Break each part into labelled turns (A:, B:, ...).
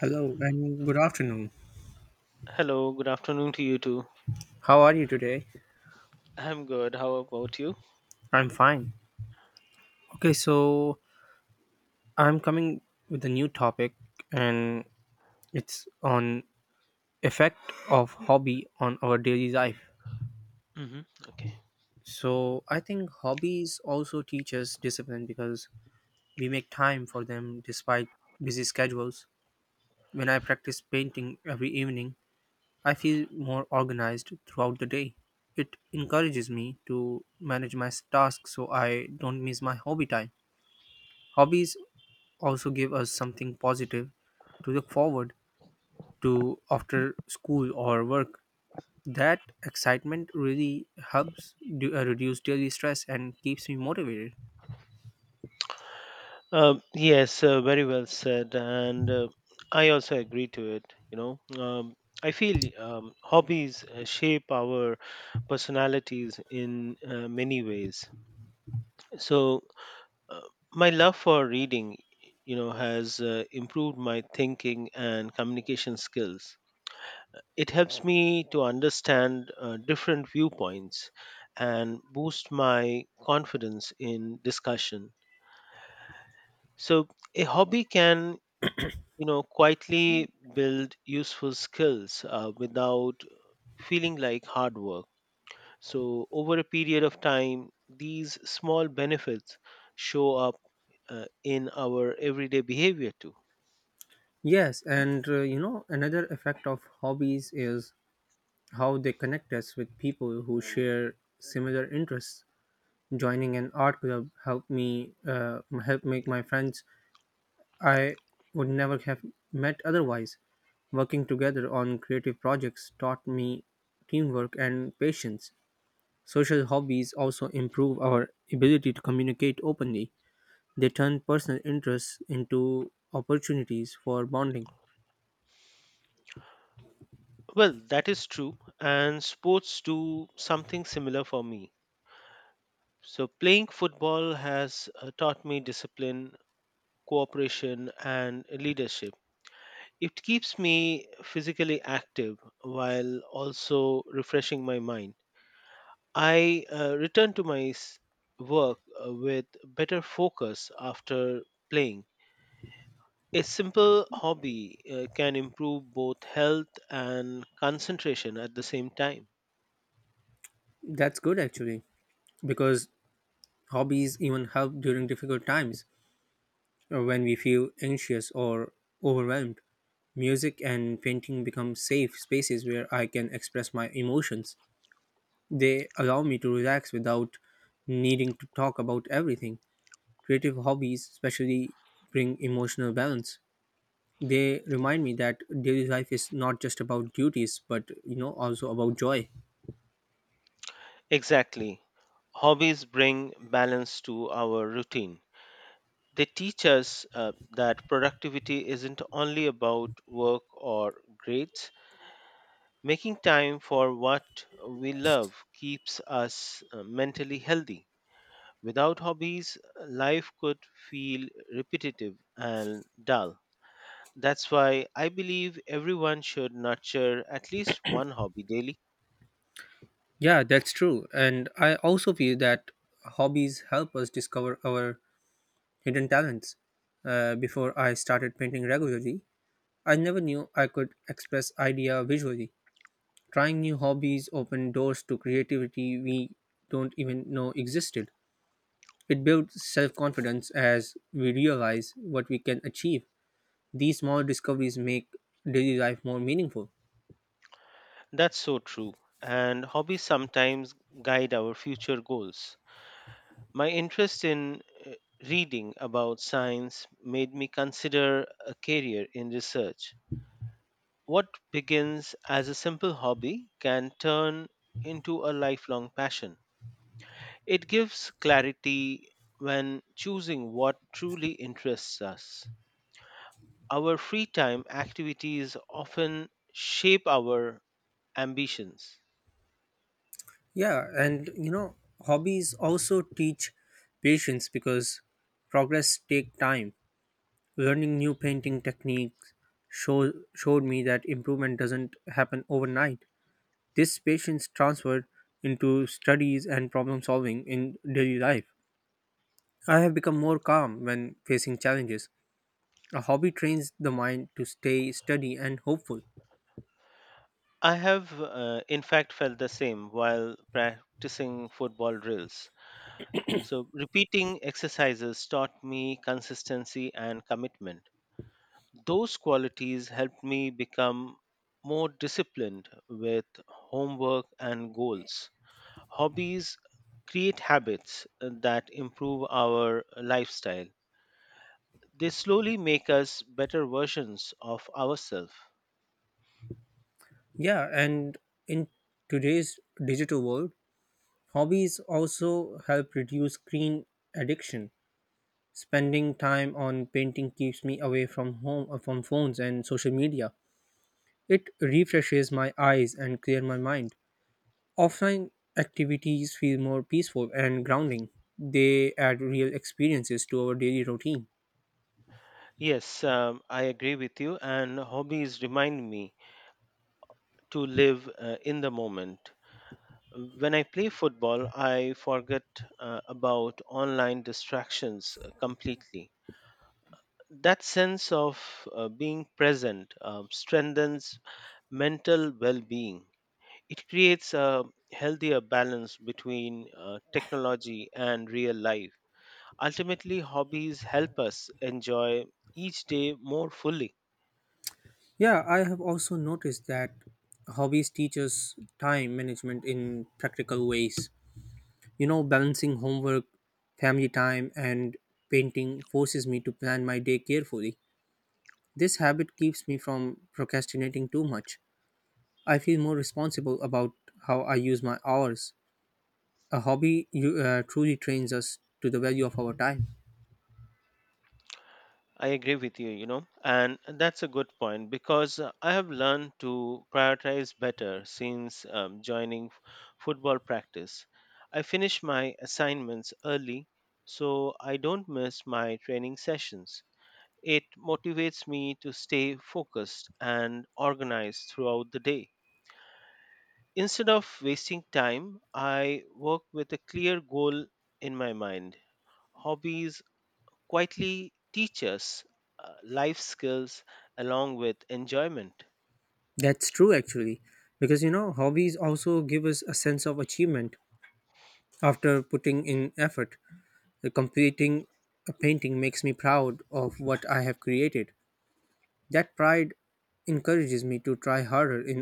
A: Hello and good afternoon.
B: Hello, good afternoon to you too.
A: How are you today?
B: I'm good. How about you?
A: I'm fine. Okay, so I'm coming with a new topic and it's on effect of hobby on our daily life.
B: hmm Okay.
A: So I think hobbies also teach us discipline because we make time for them despite busy schedules. When I practice painting every evening, I feel more organized throughout the day. It encourages me to manage my tasks so I don't miss my hobby time. Hobbies also give us something positive to look forward to after school or work. That excitement really helps reduce daily stress and keeps me motivated.
B: Yes, very well said, and I also agree to it. I feel hobbies shape our personalities in many ways. So, uh, my love for reading, has improved my thinking and communication skills. It helps me to understand different viewpoints and boost my confidence in discussion. So a hobby can, quietly build useful skills without feeling like hard work. So over a period of time, these small benefits show up in our everyday behavior too.
A: Yes, and another effect of hobbies is how they connect us with people who share similar interests. Joining an art club helped me help make my friends I would never have met otherwise. Working together on creative projects taught me teamwork and patience. Social hobbies also improve our ability to communicate openly. They turn personal interests into opportunities for bonding.
B: Well, that is true, and sports do something similar for me. So, playing football has taught me discipline, cooperation, and leadership. It keeps me physically active while also refreshing my mind. I return to work with better focus after playing. A simple hobby can improve both health and concentration at the same time.
A: That's good actually, because hobbies even help during difficult times or when we feel anxious or overwhelmed. Music and painting become safe spaces where I can express my emotions. They allow me to relax without needing to talk about everything. Creative hobbies, especially, bring emotional balance. They remind me that daily life is not just about duties, but also about joy.
B: Exactly. Hobbies bring balance to our routine. They teach us that productivity isn't only about work or grades. Making time for what we love keeps us mentally healthy. Without hobbies, life could feel repetitive and dull. That's why I believe everyone should nurture at least one hobby daily.
A: Yeah, that's true. And I also feel that hobbies help us discover our hidden talents. Before I started painting regularly, I never knew I could express idea visually. Trying new hobbies open doors to creativity we don't even know existed. It builds self confidence as we realize what we can achieve. These small discoveries make daily life more meaningful.
B: That's so true. And hobbies sometimes guide our future goals. My interest in reading about science made me consider a career in research. What begins as a simple hobby can turn into a lifelong passion. It gives clarity when choosing what truly interests us. Our free time activities often shape our ambitions.
A: Yeah, and hobbies also teach patience because progress take time. Learning new painting techniques showed me that improvement doesn't happen overnight. This patience transferred into studies and problem solving in daily life. I have become more calm when facing challenges. A hobby trains the mind to stay steady and hopeful.
B: I have, in fact, felt the same while practicing football drills. So, repeating exercises taught me consistency and commitment. Those qualities helped me become more disciplined with homework and goals. Hobbies create habits that improve our lifestyle; they slowly make us better versions of ourselves.
A: Yeah, and in today's digital world, hobbies also help reduce screen addiction. Spending time on painting keeps me away from phones and social media. It refreshes my eyes and clear my mind. Offline activities feel more peaceful and grounding. They add real experiences to our daily routine.
B: Yes, I agree with you, and hobbies remind me to live in the moment. When I play football, I forget about online distractions completely. That sense of being present strengthens mental well being. It creates a healthier balance between technology and real life. Ultimately, hobbies help us enjoy each day more fully.
A: Yeah, I have also noticed that hobbies teach us time management in practical ways. Balancing homework, family time, and painting forces me to plan my day carefully. This habit keeps me from procrastinating too much. I feel more responsible about how I use my hours. A hobby truly trains us to the value of our time.
B: I agree with you, you know, and that's a good point because I have learned to prioritize better since joining football practice. I finish my assignments early so I don't miss my training sessions. It motivates me to stay focused and organized throughout the day. Instead of wasting time, I work with a clear goal in my mind. Hobbies quietly teach us life skills along with enjoyment.
A: That's true, actually, because hobbies also give us a sense of achievement after putting in effort. The completing a painting makes me proud of what I have created. That pride encourages me to try harder in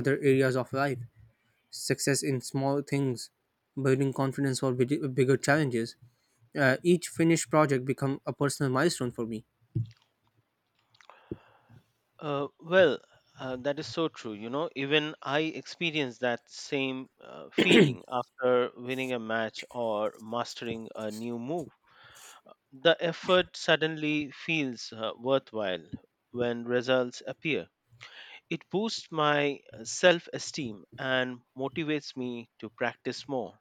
A: other areas of life. Success in small things, building confidence for bigger challenges. Each finished project become a personal milestone for me.
B: Well, that is so true. You know, even I experienced that same feeling after winning a match or mastering a new move. The effort suddenly feels worthwhile when results appear. It boosts my self esteem and motivates me to practice more.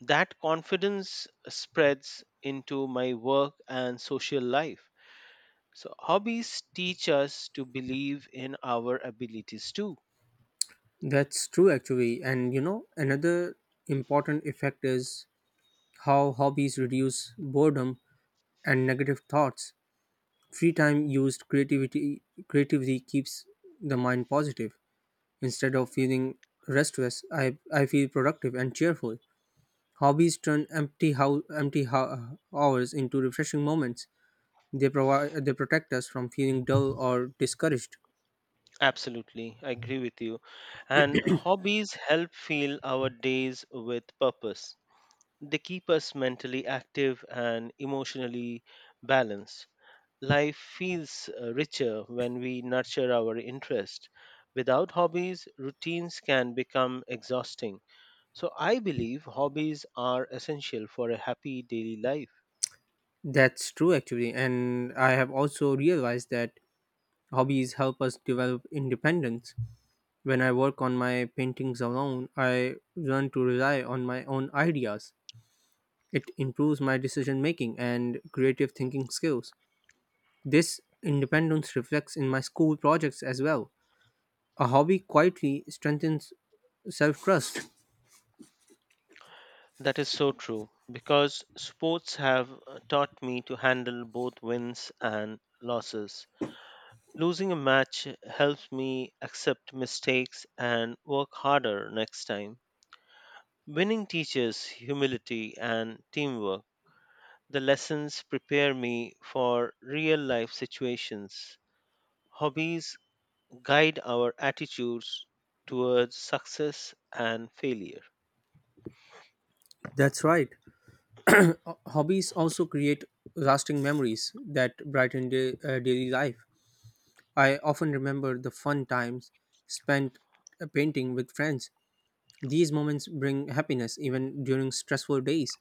B: That confidence spreads into my work and social life. So, hobbies teach us to believe in our abilities too.
A: That's true, actually. And another important effect is how hobbies reduce boredom and negative thoughts. Free time used creativity creatively keeps the mind positive. Instead of feeling restless, I feel productive and cheerful. Hobbies turn empty hours into refreshing moments. They protect us from feeling dull or discouraged.
B: Absolutely, I agree with you. And hobbies help fill our days with purpose. They keep us mentally active and emotionally balanced. Life feels richer when we nurture our interest. Without hobbies, routines can become exhausting. So I believe hobbies are essential for a happy daily life.
A: That's true actually, and I have also realized that hobbies help us develop independence. When I work on my paintings alone, I learn to rely on my own ideas. It improves my decision making and creative thinking skills. This independence reflects in my school projects as well. A hobby quietly strengthens self trust.
B: That is so true because sports have taught me to handle both wins and losses. Losing a match helps me accept mistakes and work harder next time. Winning teaches humility and teamwork. The lessons prepare me for real life situations. Hobbies guide our attitudes towards success and failure.
A: That's right. Hobbies also create lasting memories that brighten daily life. I often remember the fun times spent painting with friends. These moments bring happiness even during stressful days.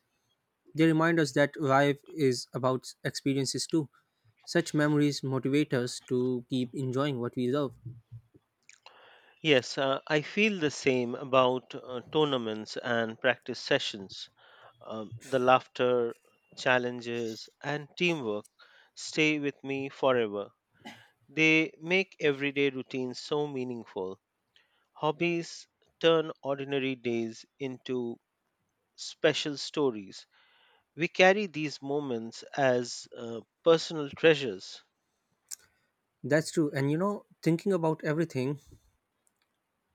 A: They remind us that life is about experiences too. Such memories motivate us to keep enjoying what we love.
B: Yes, I feel the same about tournaments and practice sessions. The laughter, challenges, and teamwork stay with me forever. They make everyday routines so meaningful. Hobbies turn ordinary days into special stories. We carry these moments as personal treasures.
A: That's true. And thinking about everything,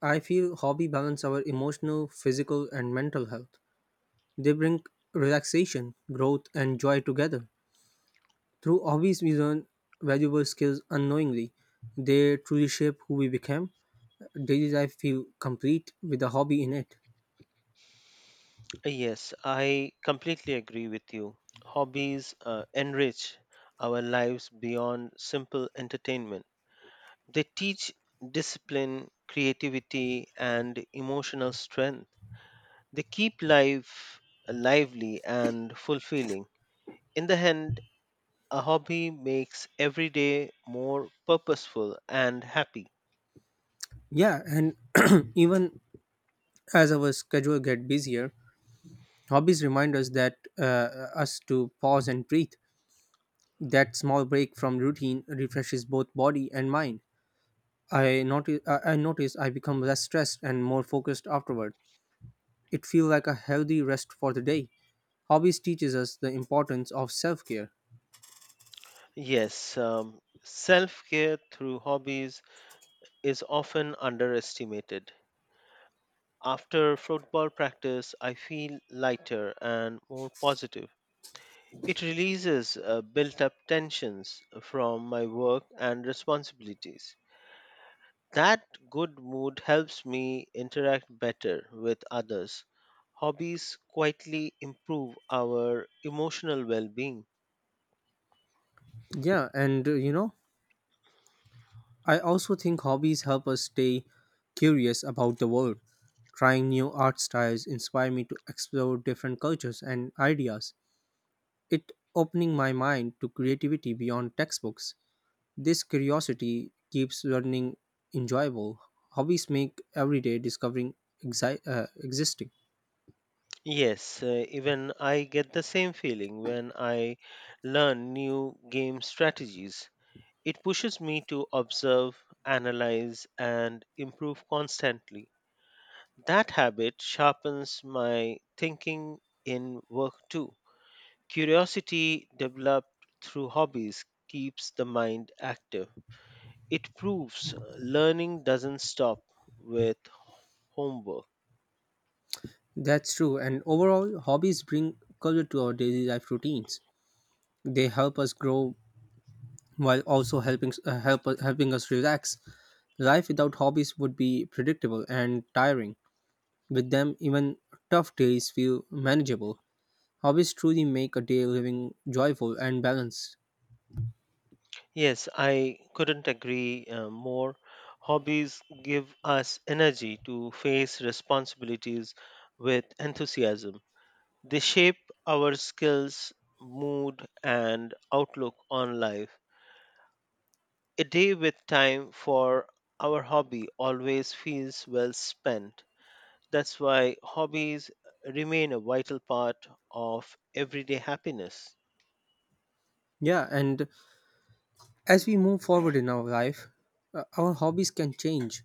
A: I feel hobby balance our emotional, physical, and mental health. They bring relaxation, growth, and joy together. Through hobbies, we learn valuable skills unknowingly. They truly shape who we become. Daily life feel complete with a hobby in it.
B: Yes, I completely agree with you. Hobbies enrich our lives beyond simple entertainment. They teach discipline, creativity, and emotional strength. They keep life lively and fulfilling. In the end, a hobby makes every day more purposeful and happy.
A: Yeah, and even as our schedule get busier, hobbies remind us to pause and breathe. That small break from routine refreshes both body and mind. I notice I become less stressed and more focused afterward. It feels like a healthy rest for the day. Hobbies teaches us the importance of self-care.
B: Yes, self care through hobbies is often underestimated. After football practice, I feel lighter and more positive. It releases built up tensions from my work and responsibilities. That good mood helps me interact better with others. Hobbies quietly improve our emotional well being.
A: Yeah, and I also think hobbies help us stay curious about the world. Trying new art styles inspire me to explore different cultures and ideas. It opening my mind to creativity beyond textbooks. This curiosity keeps learning enjoyable. Hobbies make everyday discovering existing.
B: Yes, even I get the same feeling when I learn new game strategies. It pushes me to observe, analyze, and improve constantly. That habit sharpens my thinking in work too. Curiosity developed through hobbies keeps the mind active. It proves learning doesn't stop with homework.
A: That's true, and overall, hobbies bring color to our daily life routines. They help us grow while also helping us relax. Life without hobbies would be predictable and tiring. With them, even tough days feel manageable. Hobbies truly make a day living joyful and balanced.
B: Yes, I couldn't agree more. Hobbies give us energy to face responsibilities with enthusiasm. They shape our skills, mood, and outlook on life. A day with time for our hobby always feels well spent. That's why hobbies remain a vital part of everyday happiness.
A: Yeah, and as we move forward in our life, our hobbies can change,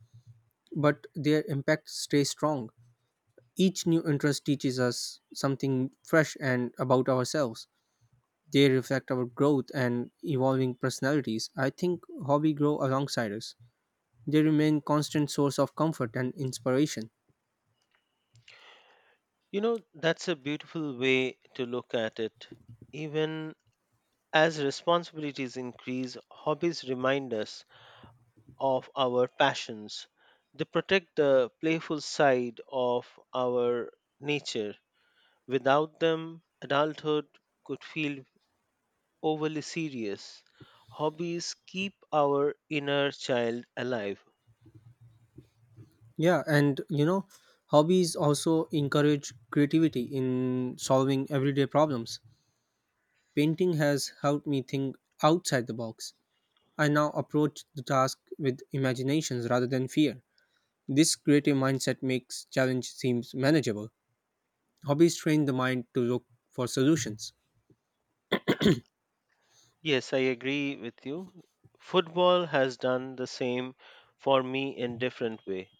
A: but their impact stays strong. Each new interest teaches us something fresh and about ourselves. They reflect our growth and evolving personalities. I think hobby grow alongside us. They remain constant source of comfort and inspiration.
B: You know, that's a beautiful way to look at it. Even as responsibilities increase, hobbies remind us of our passions. They protect the playful side of our nature. Without them, adulthood could feel overly serious. Hobbies keep our inner child alive.
A: Yeah, and hobbies also encourage creativity in solving everyday problems. Painting has helped me think outside the box. I now approach the task with imaginations rather than fear. This creative mindset makes challenge seems manageable. Hobbies train the mind to look for solutions.
B: Yes, I agree with you. Football has done the same for me in different way.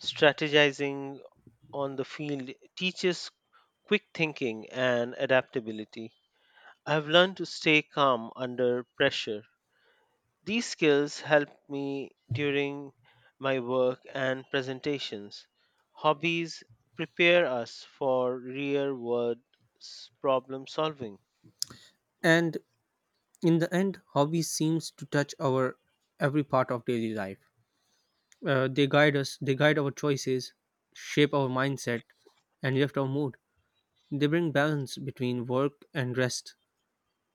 B: Strategizing on the field teaches quick thinking and adaptability. I've learned to stay calm under pressure. These skills help me during my work and presentations. Hobbies prepare us for real world problem solving.
A: And in the end, hobbies seems to touch our every part of daily life. They guide us, they guide our choices, shape our mindset, and lift our mood. They bring balance between work and rest.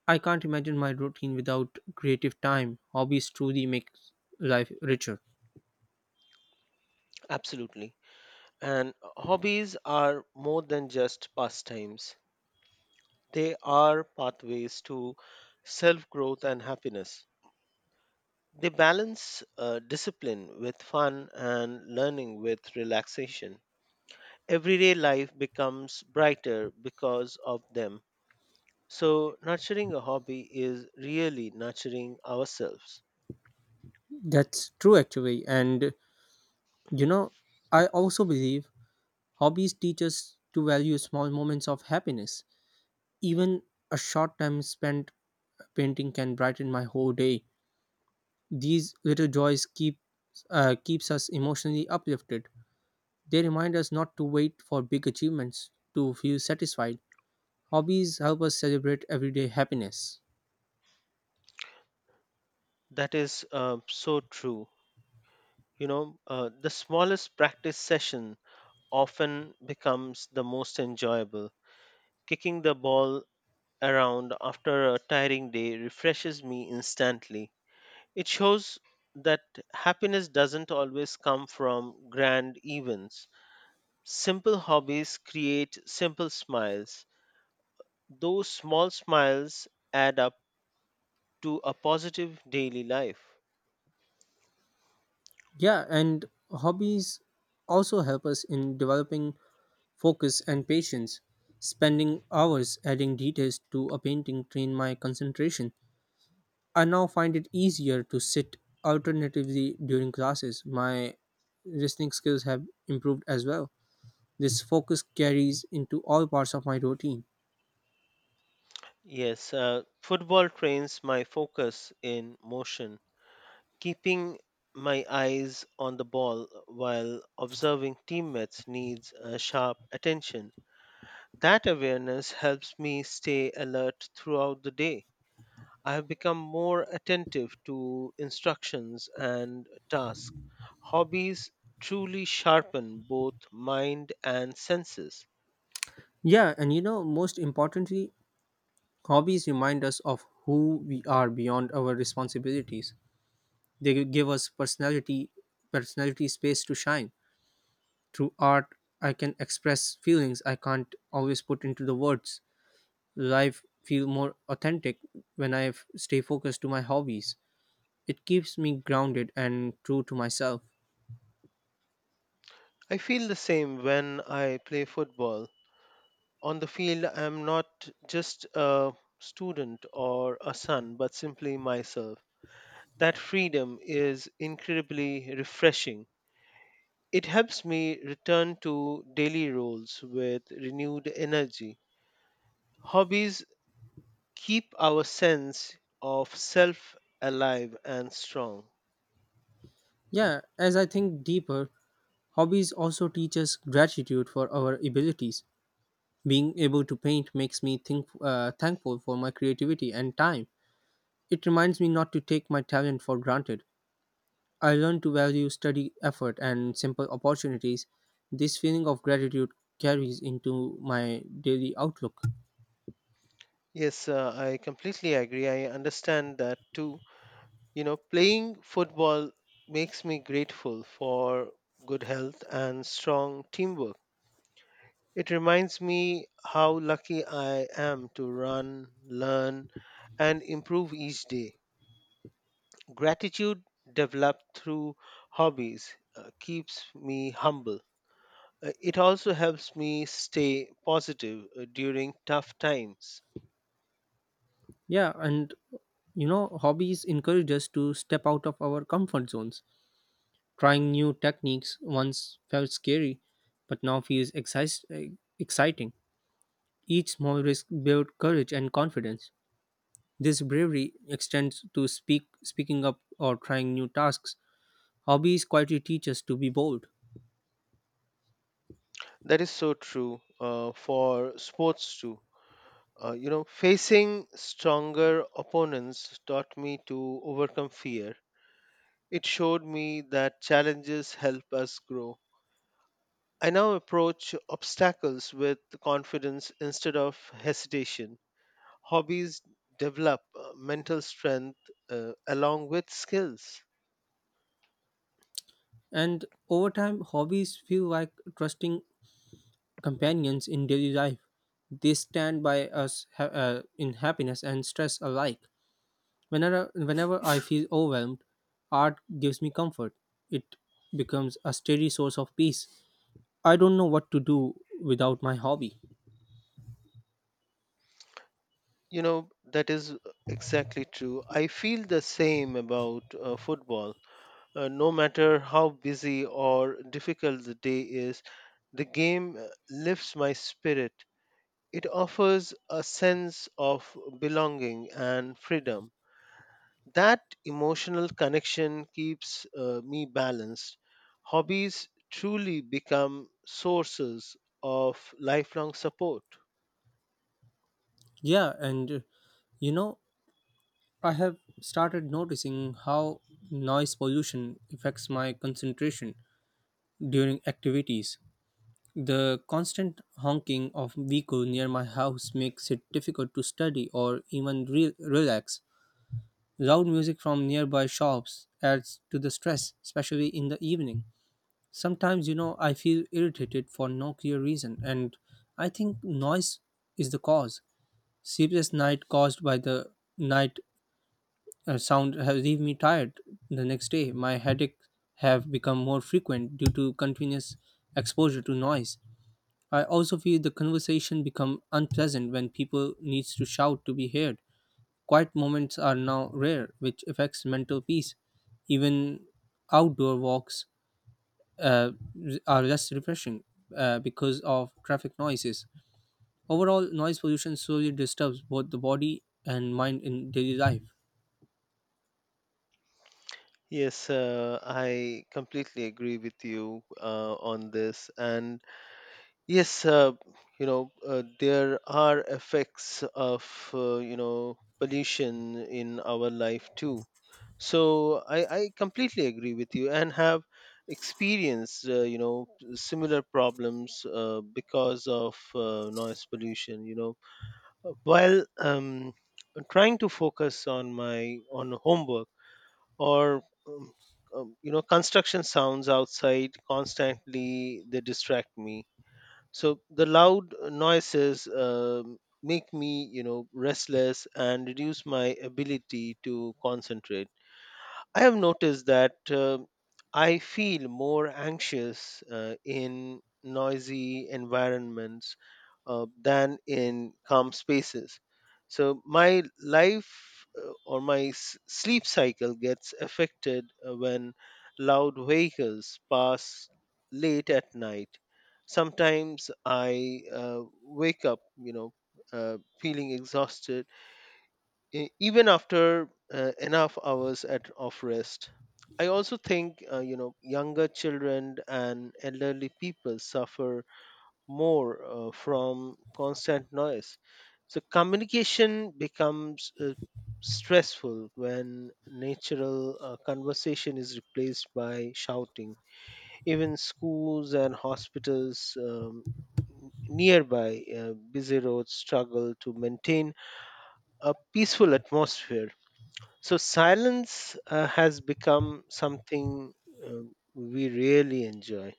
A: I can't imagine my routine without creative time. Hobbies truly make life richer.
B: Absolutely. And hobbies are more than just pastimes; they are pathways to self growth and happiness. They balance discipline with fun and learning with relaxation. Everyday life becomes brighter because of them. So, nurturing a hobby is really nurturing ourselves.
A: That's true, actually. And you know, I also believe hobbies teach us to value small moments of happiness. Even a short time spent painting can brighten my whole day. These little joys keeps us emotionally uplifted. They remind us not to wait for big achievements to feel satisfied. Hobbies help us celebrate everyday happiness.
B: That is so true. You know, the smallest practice session often becomes the most enjoyable. Kicking the ball around after a tiring day refreshes me instantly. It shows that happiness doesn't always come from grand events. Simple hobbies create simple smiles. Those small smiles add up to a positive daily life.
A: Yeah, and hobbies also help us in developing focus and patience. Spending hours adding details to a painting trained my concentration. I now find it easier to sit alternatively during classes. My listening skills have improved as well. This focus carries into all parts of my routine.
B: Yes, football trains my focus in motion, keeping my eyes on the ball while observing teammates needs sharp attention. That awareness helps me stay alert throughout the day. I have become more attentive to instructions and tasks. Hobbies truly sharpen both mind and senses.
A: Yeah, and most importantly, hobbies remind us of who we are beyond our responsibilities. They give us personality space to shine. Through art, I can express feelings I can't always put into the words. Life feel more authentic when I stay focused to my hobbies. It keeps me grounded and true to myself.
B: I feel the same when I play football. On the field, I'm not just a student or a son, but simply myself. That freedom is incredibly refreshing. It helps me return to daily roles with renewed energy. Hobbies keep our sense of self alive and strong.
A: Yeah, as I think deeper, hobbies also teach us gratitude for our abilities. Being able to paint makes me thankful for my creativity and time. It reminds me not to take my talent for granted. I learned to value study effort and simple opportunities. This feeling of gratitude carries into my daily outlook.
B: Yes, I completely agree. I understand that too. You know, playing football makes me grateful for good health and strong teamwork. It reminds me how lucky I am to run, learn, and improve each day. Gratitude developed through hobbies keeps me humble. It also helps me stay positive during tough times.
A: Yeah, and hobbies encourage us to step out of our comfort zones. Trying new techniques once felt scary, but now feels exciting. Each small risk builds courage and confidence. This bravery extends to speaking up, or trying new tasks. Hobbies quietly teach us to be bold.
B: That is so true for sports too. You know, facing stronger opponents taught me to overcome fear. It showed me that challenges help us grow. I now approach obstacles with confidence instead of hesitation. Hobbies develop mental strength along with skills.
A: And over time, hobbies feel like trusting companions in daily life. They stand by us in happiness and stress alike. Whenever I feel overwhelmed, art gives me comfort. It becomes a steady source of peace. I don't know what to do without my hobby.
B: You know, that is exactly true. I feel the same about football. No matter how busy or difficult the day is, the game lifts my spirit. It offers a sense of belonging and freedom. That emotional connection keeps me balanced. Hobbies truly become sources of lifelong support.
A: Yeah, and you know, I have started noticing how noise pollution affects my concentration during activities. The constant honking of vehicle near my house makes it difficult to study or even relax. Loud music from nearby shops adds to the stress, especially in the evening. Sometimes, I feel irritated for no clear reason, and I think noise is the cause. Sleepless night caused by the night sound have leave me tired the next day. My headaches have become more frequent due to continuous exposure to noise. I also feel the conversation become unpleasant when people needs to shout to be heard. Quiet moments are now rare, which affects mental peace. Even outdoor walks uh, are less refreshing because of traffic noises. Overall, noise pollution slowly disturbs both the body and mind in daily life.
B: Yes, I completely agree with you on this. And yes, there are effects of, you know, pollution in our life too. So I completely agree with you and have experienced, you know, similar problems because of noise pollution, you know. While um trying to focus on my on homework or um, you know, construction sounds outside constantly, they distract me. So the loud noises make me, you know, restless and reduce my ability to concentrate. I have noticed that I feel more anxious in noisy environments than in calm spaces. So my life, or my sleep cycle gets affected when loud vehicles pass late at night. Sometimes I wake up, you know, feeling exhausted even after enough hours of rest. I also think, you know, younger children and elderly people suffer more from constant noise. So communication becomes stressful when natural conversation is replaced by shouting. Even schools and hospitals nearby busy roads struggle to maintain a peaceful atmosphere. So silence has become something we really enjoy.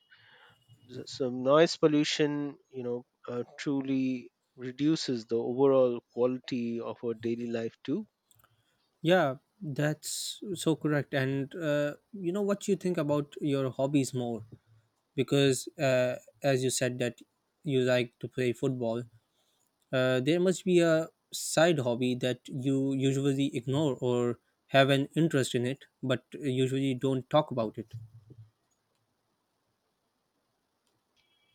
B: So noise pollution, you know, truly reduces the overall quality of our daily life too.
A: Yeah, that's so correct. And you know what you think about your hobbies more because, as you said, that you like to play football. There must be a side hobby that you usually ignore or have an interest in it, but usually don't talk about it.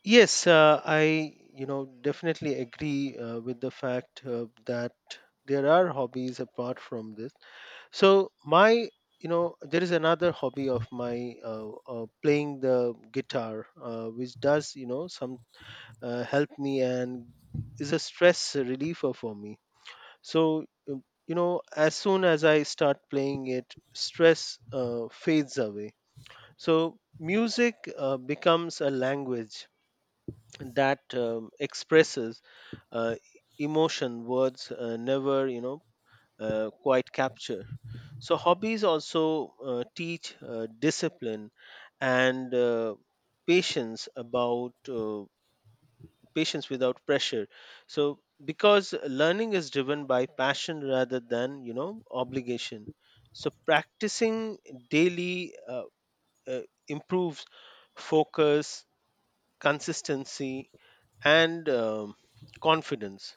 B: Yes, I, you know, definitely agree with the fact that there are hobbies apart from this. So my, you know, there is another hobby of my, uh, playing the guitar, which does, you know, some help me and is a stress reliever for me. So you know, as soon as I start playing it, stress fades away. So music becomes a language that expresses uh, emotion words never, you know, quite capture. So hobbies also teach discipline and patience, about patience without pressure. So because learning is driven by passion rather than, you know, obligation. So practicing daily, uh, improves focus, consistency, and confidence.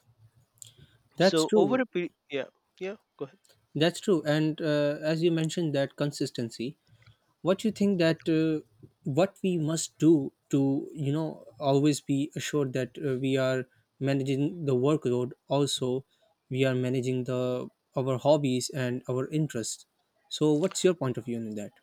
A: That's
B: So over
A: true.
B: a period, yeah. Yeah, go ahead.
A: That's true. And as you mentioned, that consistency. What you think that what we must do to always be assured that we are managing the workload, also we are managing the our hobbies and our interests. So, what's your point of view on that?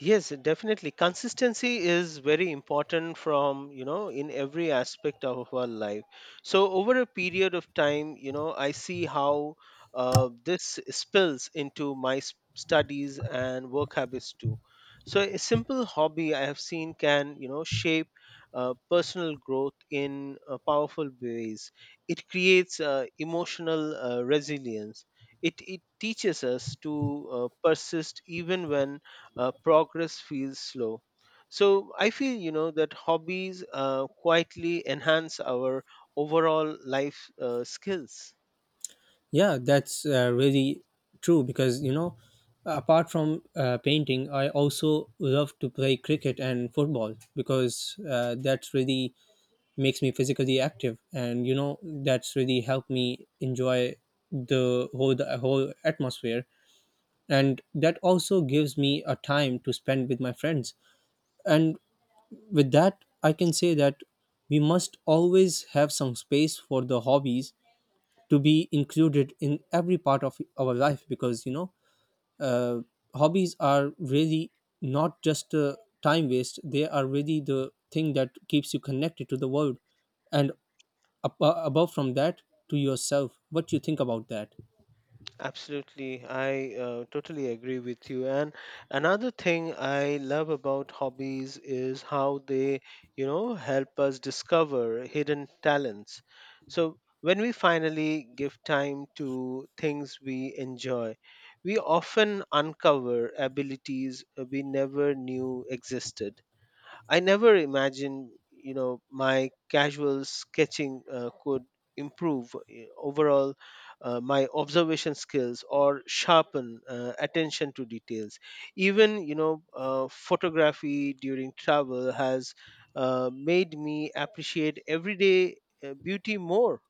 B: Yes, definitely. Consistency is very important from, you know, in every aspect of our life. So over a period of time, you know, I see how this spills into my studies and work habits too. So a simple hobby I have seen can, you know, shape personal growth in powerful ways. It creates emotional resilience. It teaches us to persist even when progress feels slow. So I feel, you know, that hobbies quietly enhance our overall life skills.
A: Yeah, that's really true because apart from painting, I also love to play cricket and football because that really makes me physically active, and that's really helped me enjoy the whole atmosphere, and that also gives me a time to spend with my friends, and with that, I can say that we must always have some space for the hobbies to be included in every part of our life because uh, hobbies are really not just a time waste. They are really the thing that keeps you connected to the world, and above from that, to yourself. What do you think about that?
B: Absolutely, I totally agree with you. And another thing I love about hobbies is how they, you know, help us discover hidden talents. So when we finally give time to things we enjoy, we often uncover abilities we never knew existed. I never imagined, you know, my casual sketching could improve overall my observation skills or sharpen attention to details. Even, you know, photography during travel has made me appreciate everyday beauty more.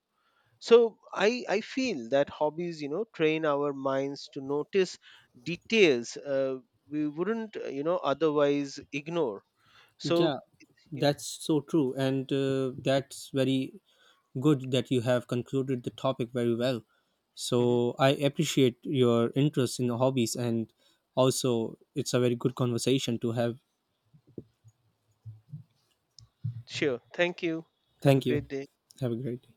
B: So I feel that hobbies, you know, train our minds to notice details we wouldn't, you know, otherwise ignore. So
A: Yeah,
B: yeah.
A: that's so true. And that's very good that you have concluded the topic very well.
B: hmm
A: So I appreciate your interest in hobbies, and also it's a very good conversation to have.
B: Sure. Thank you. Have a
A: Thank you.
B: great day.
A: Have a great day.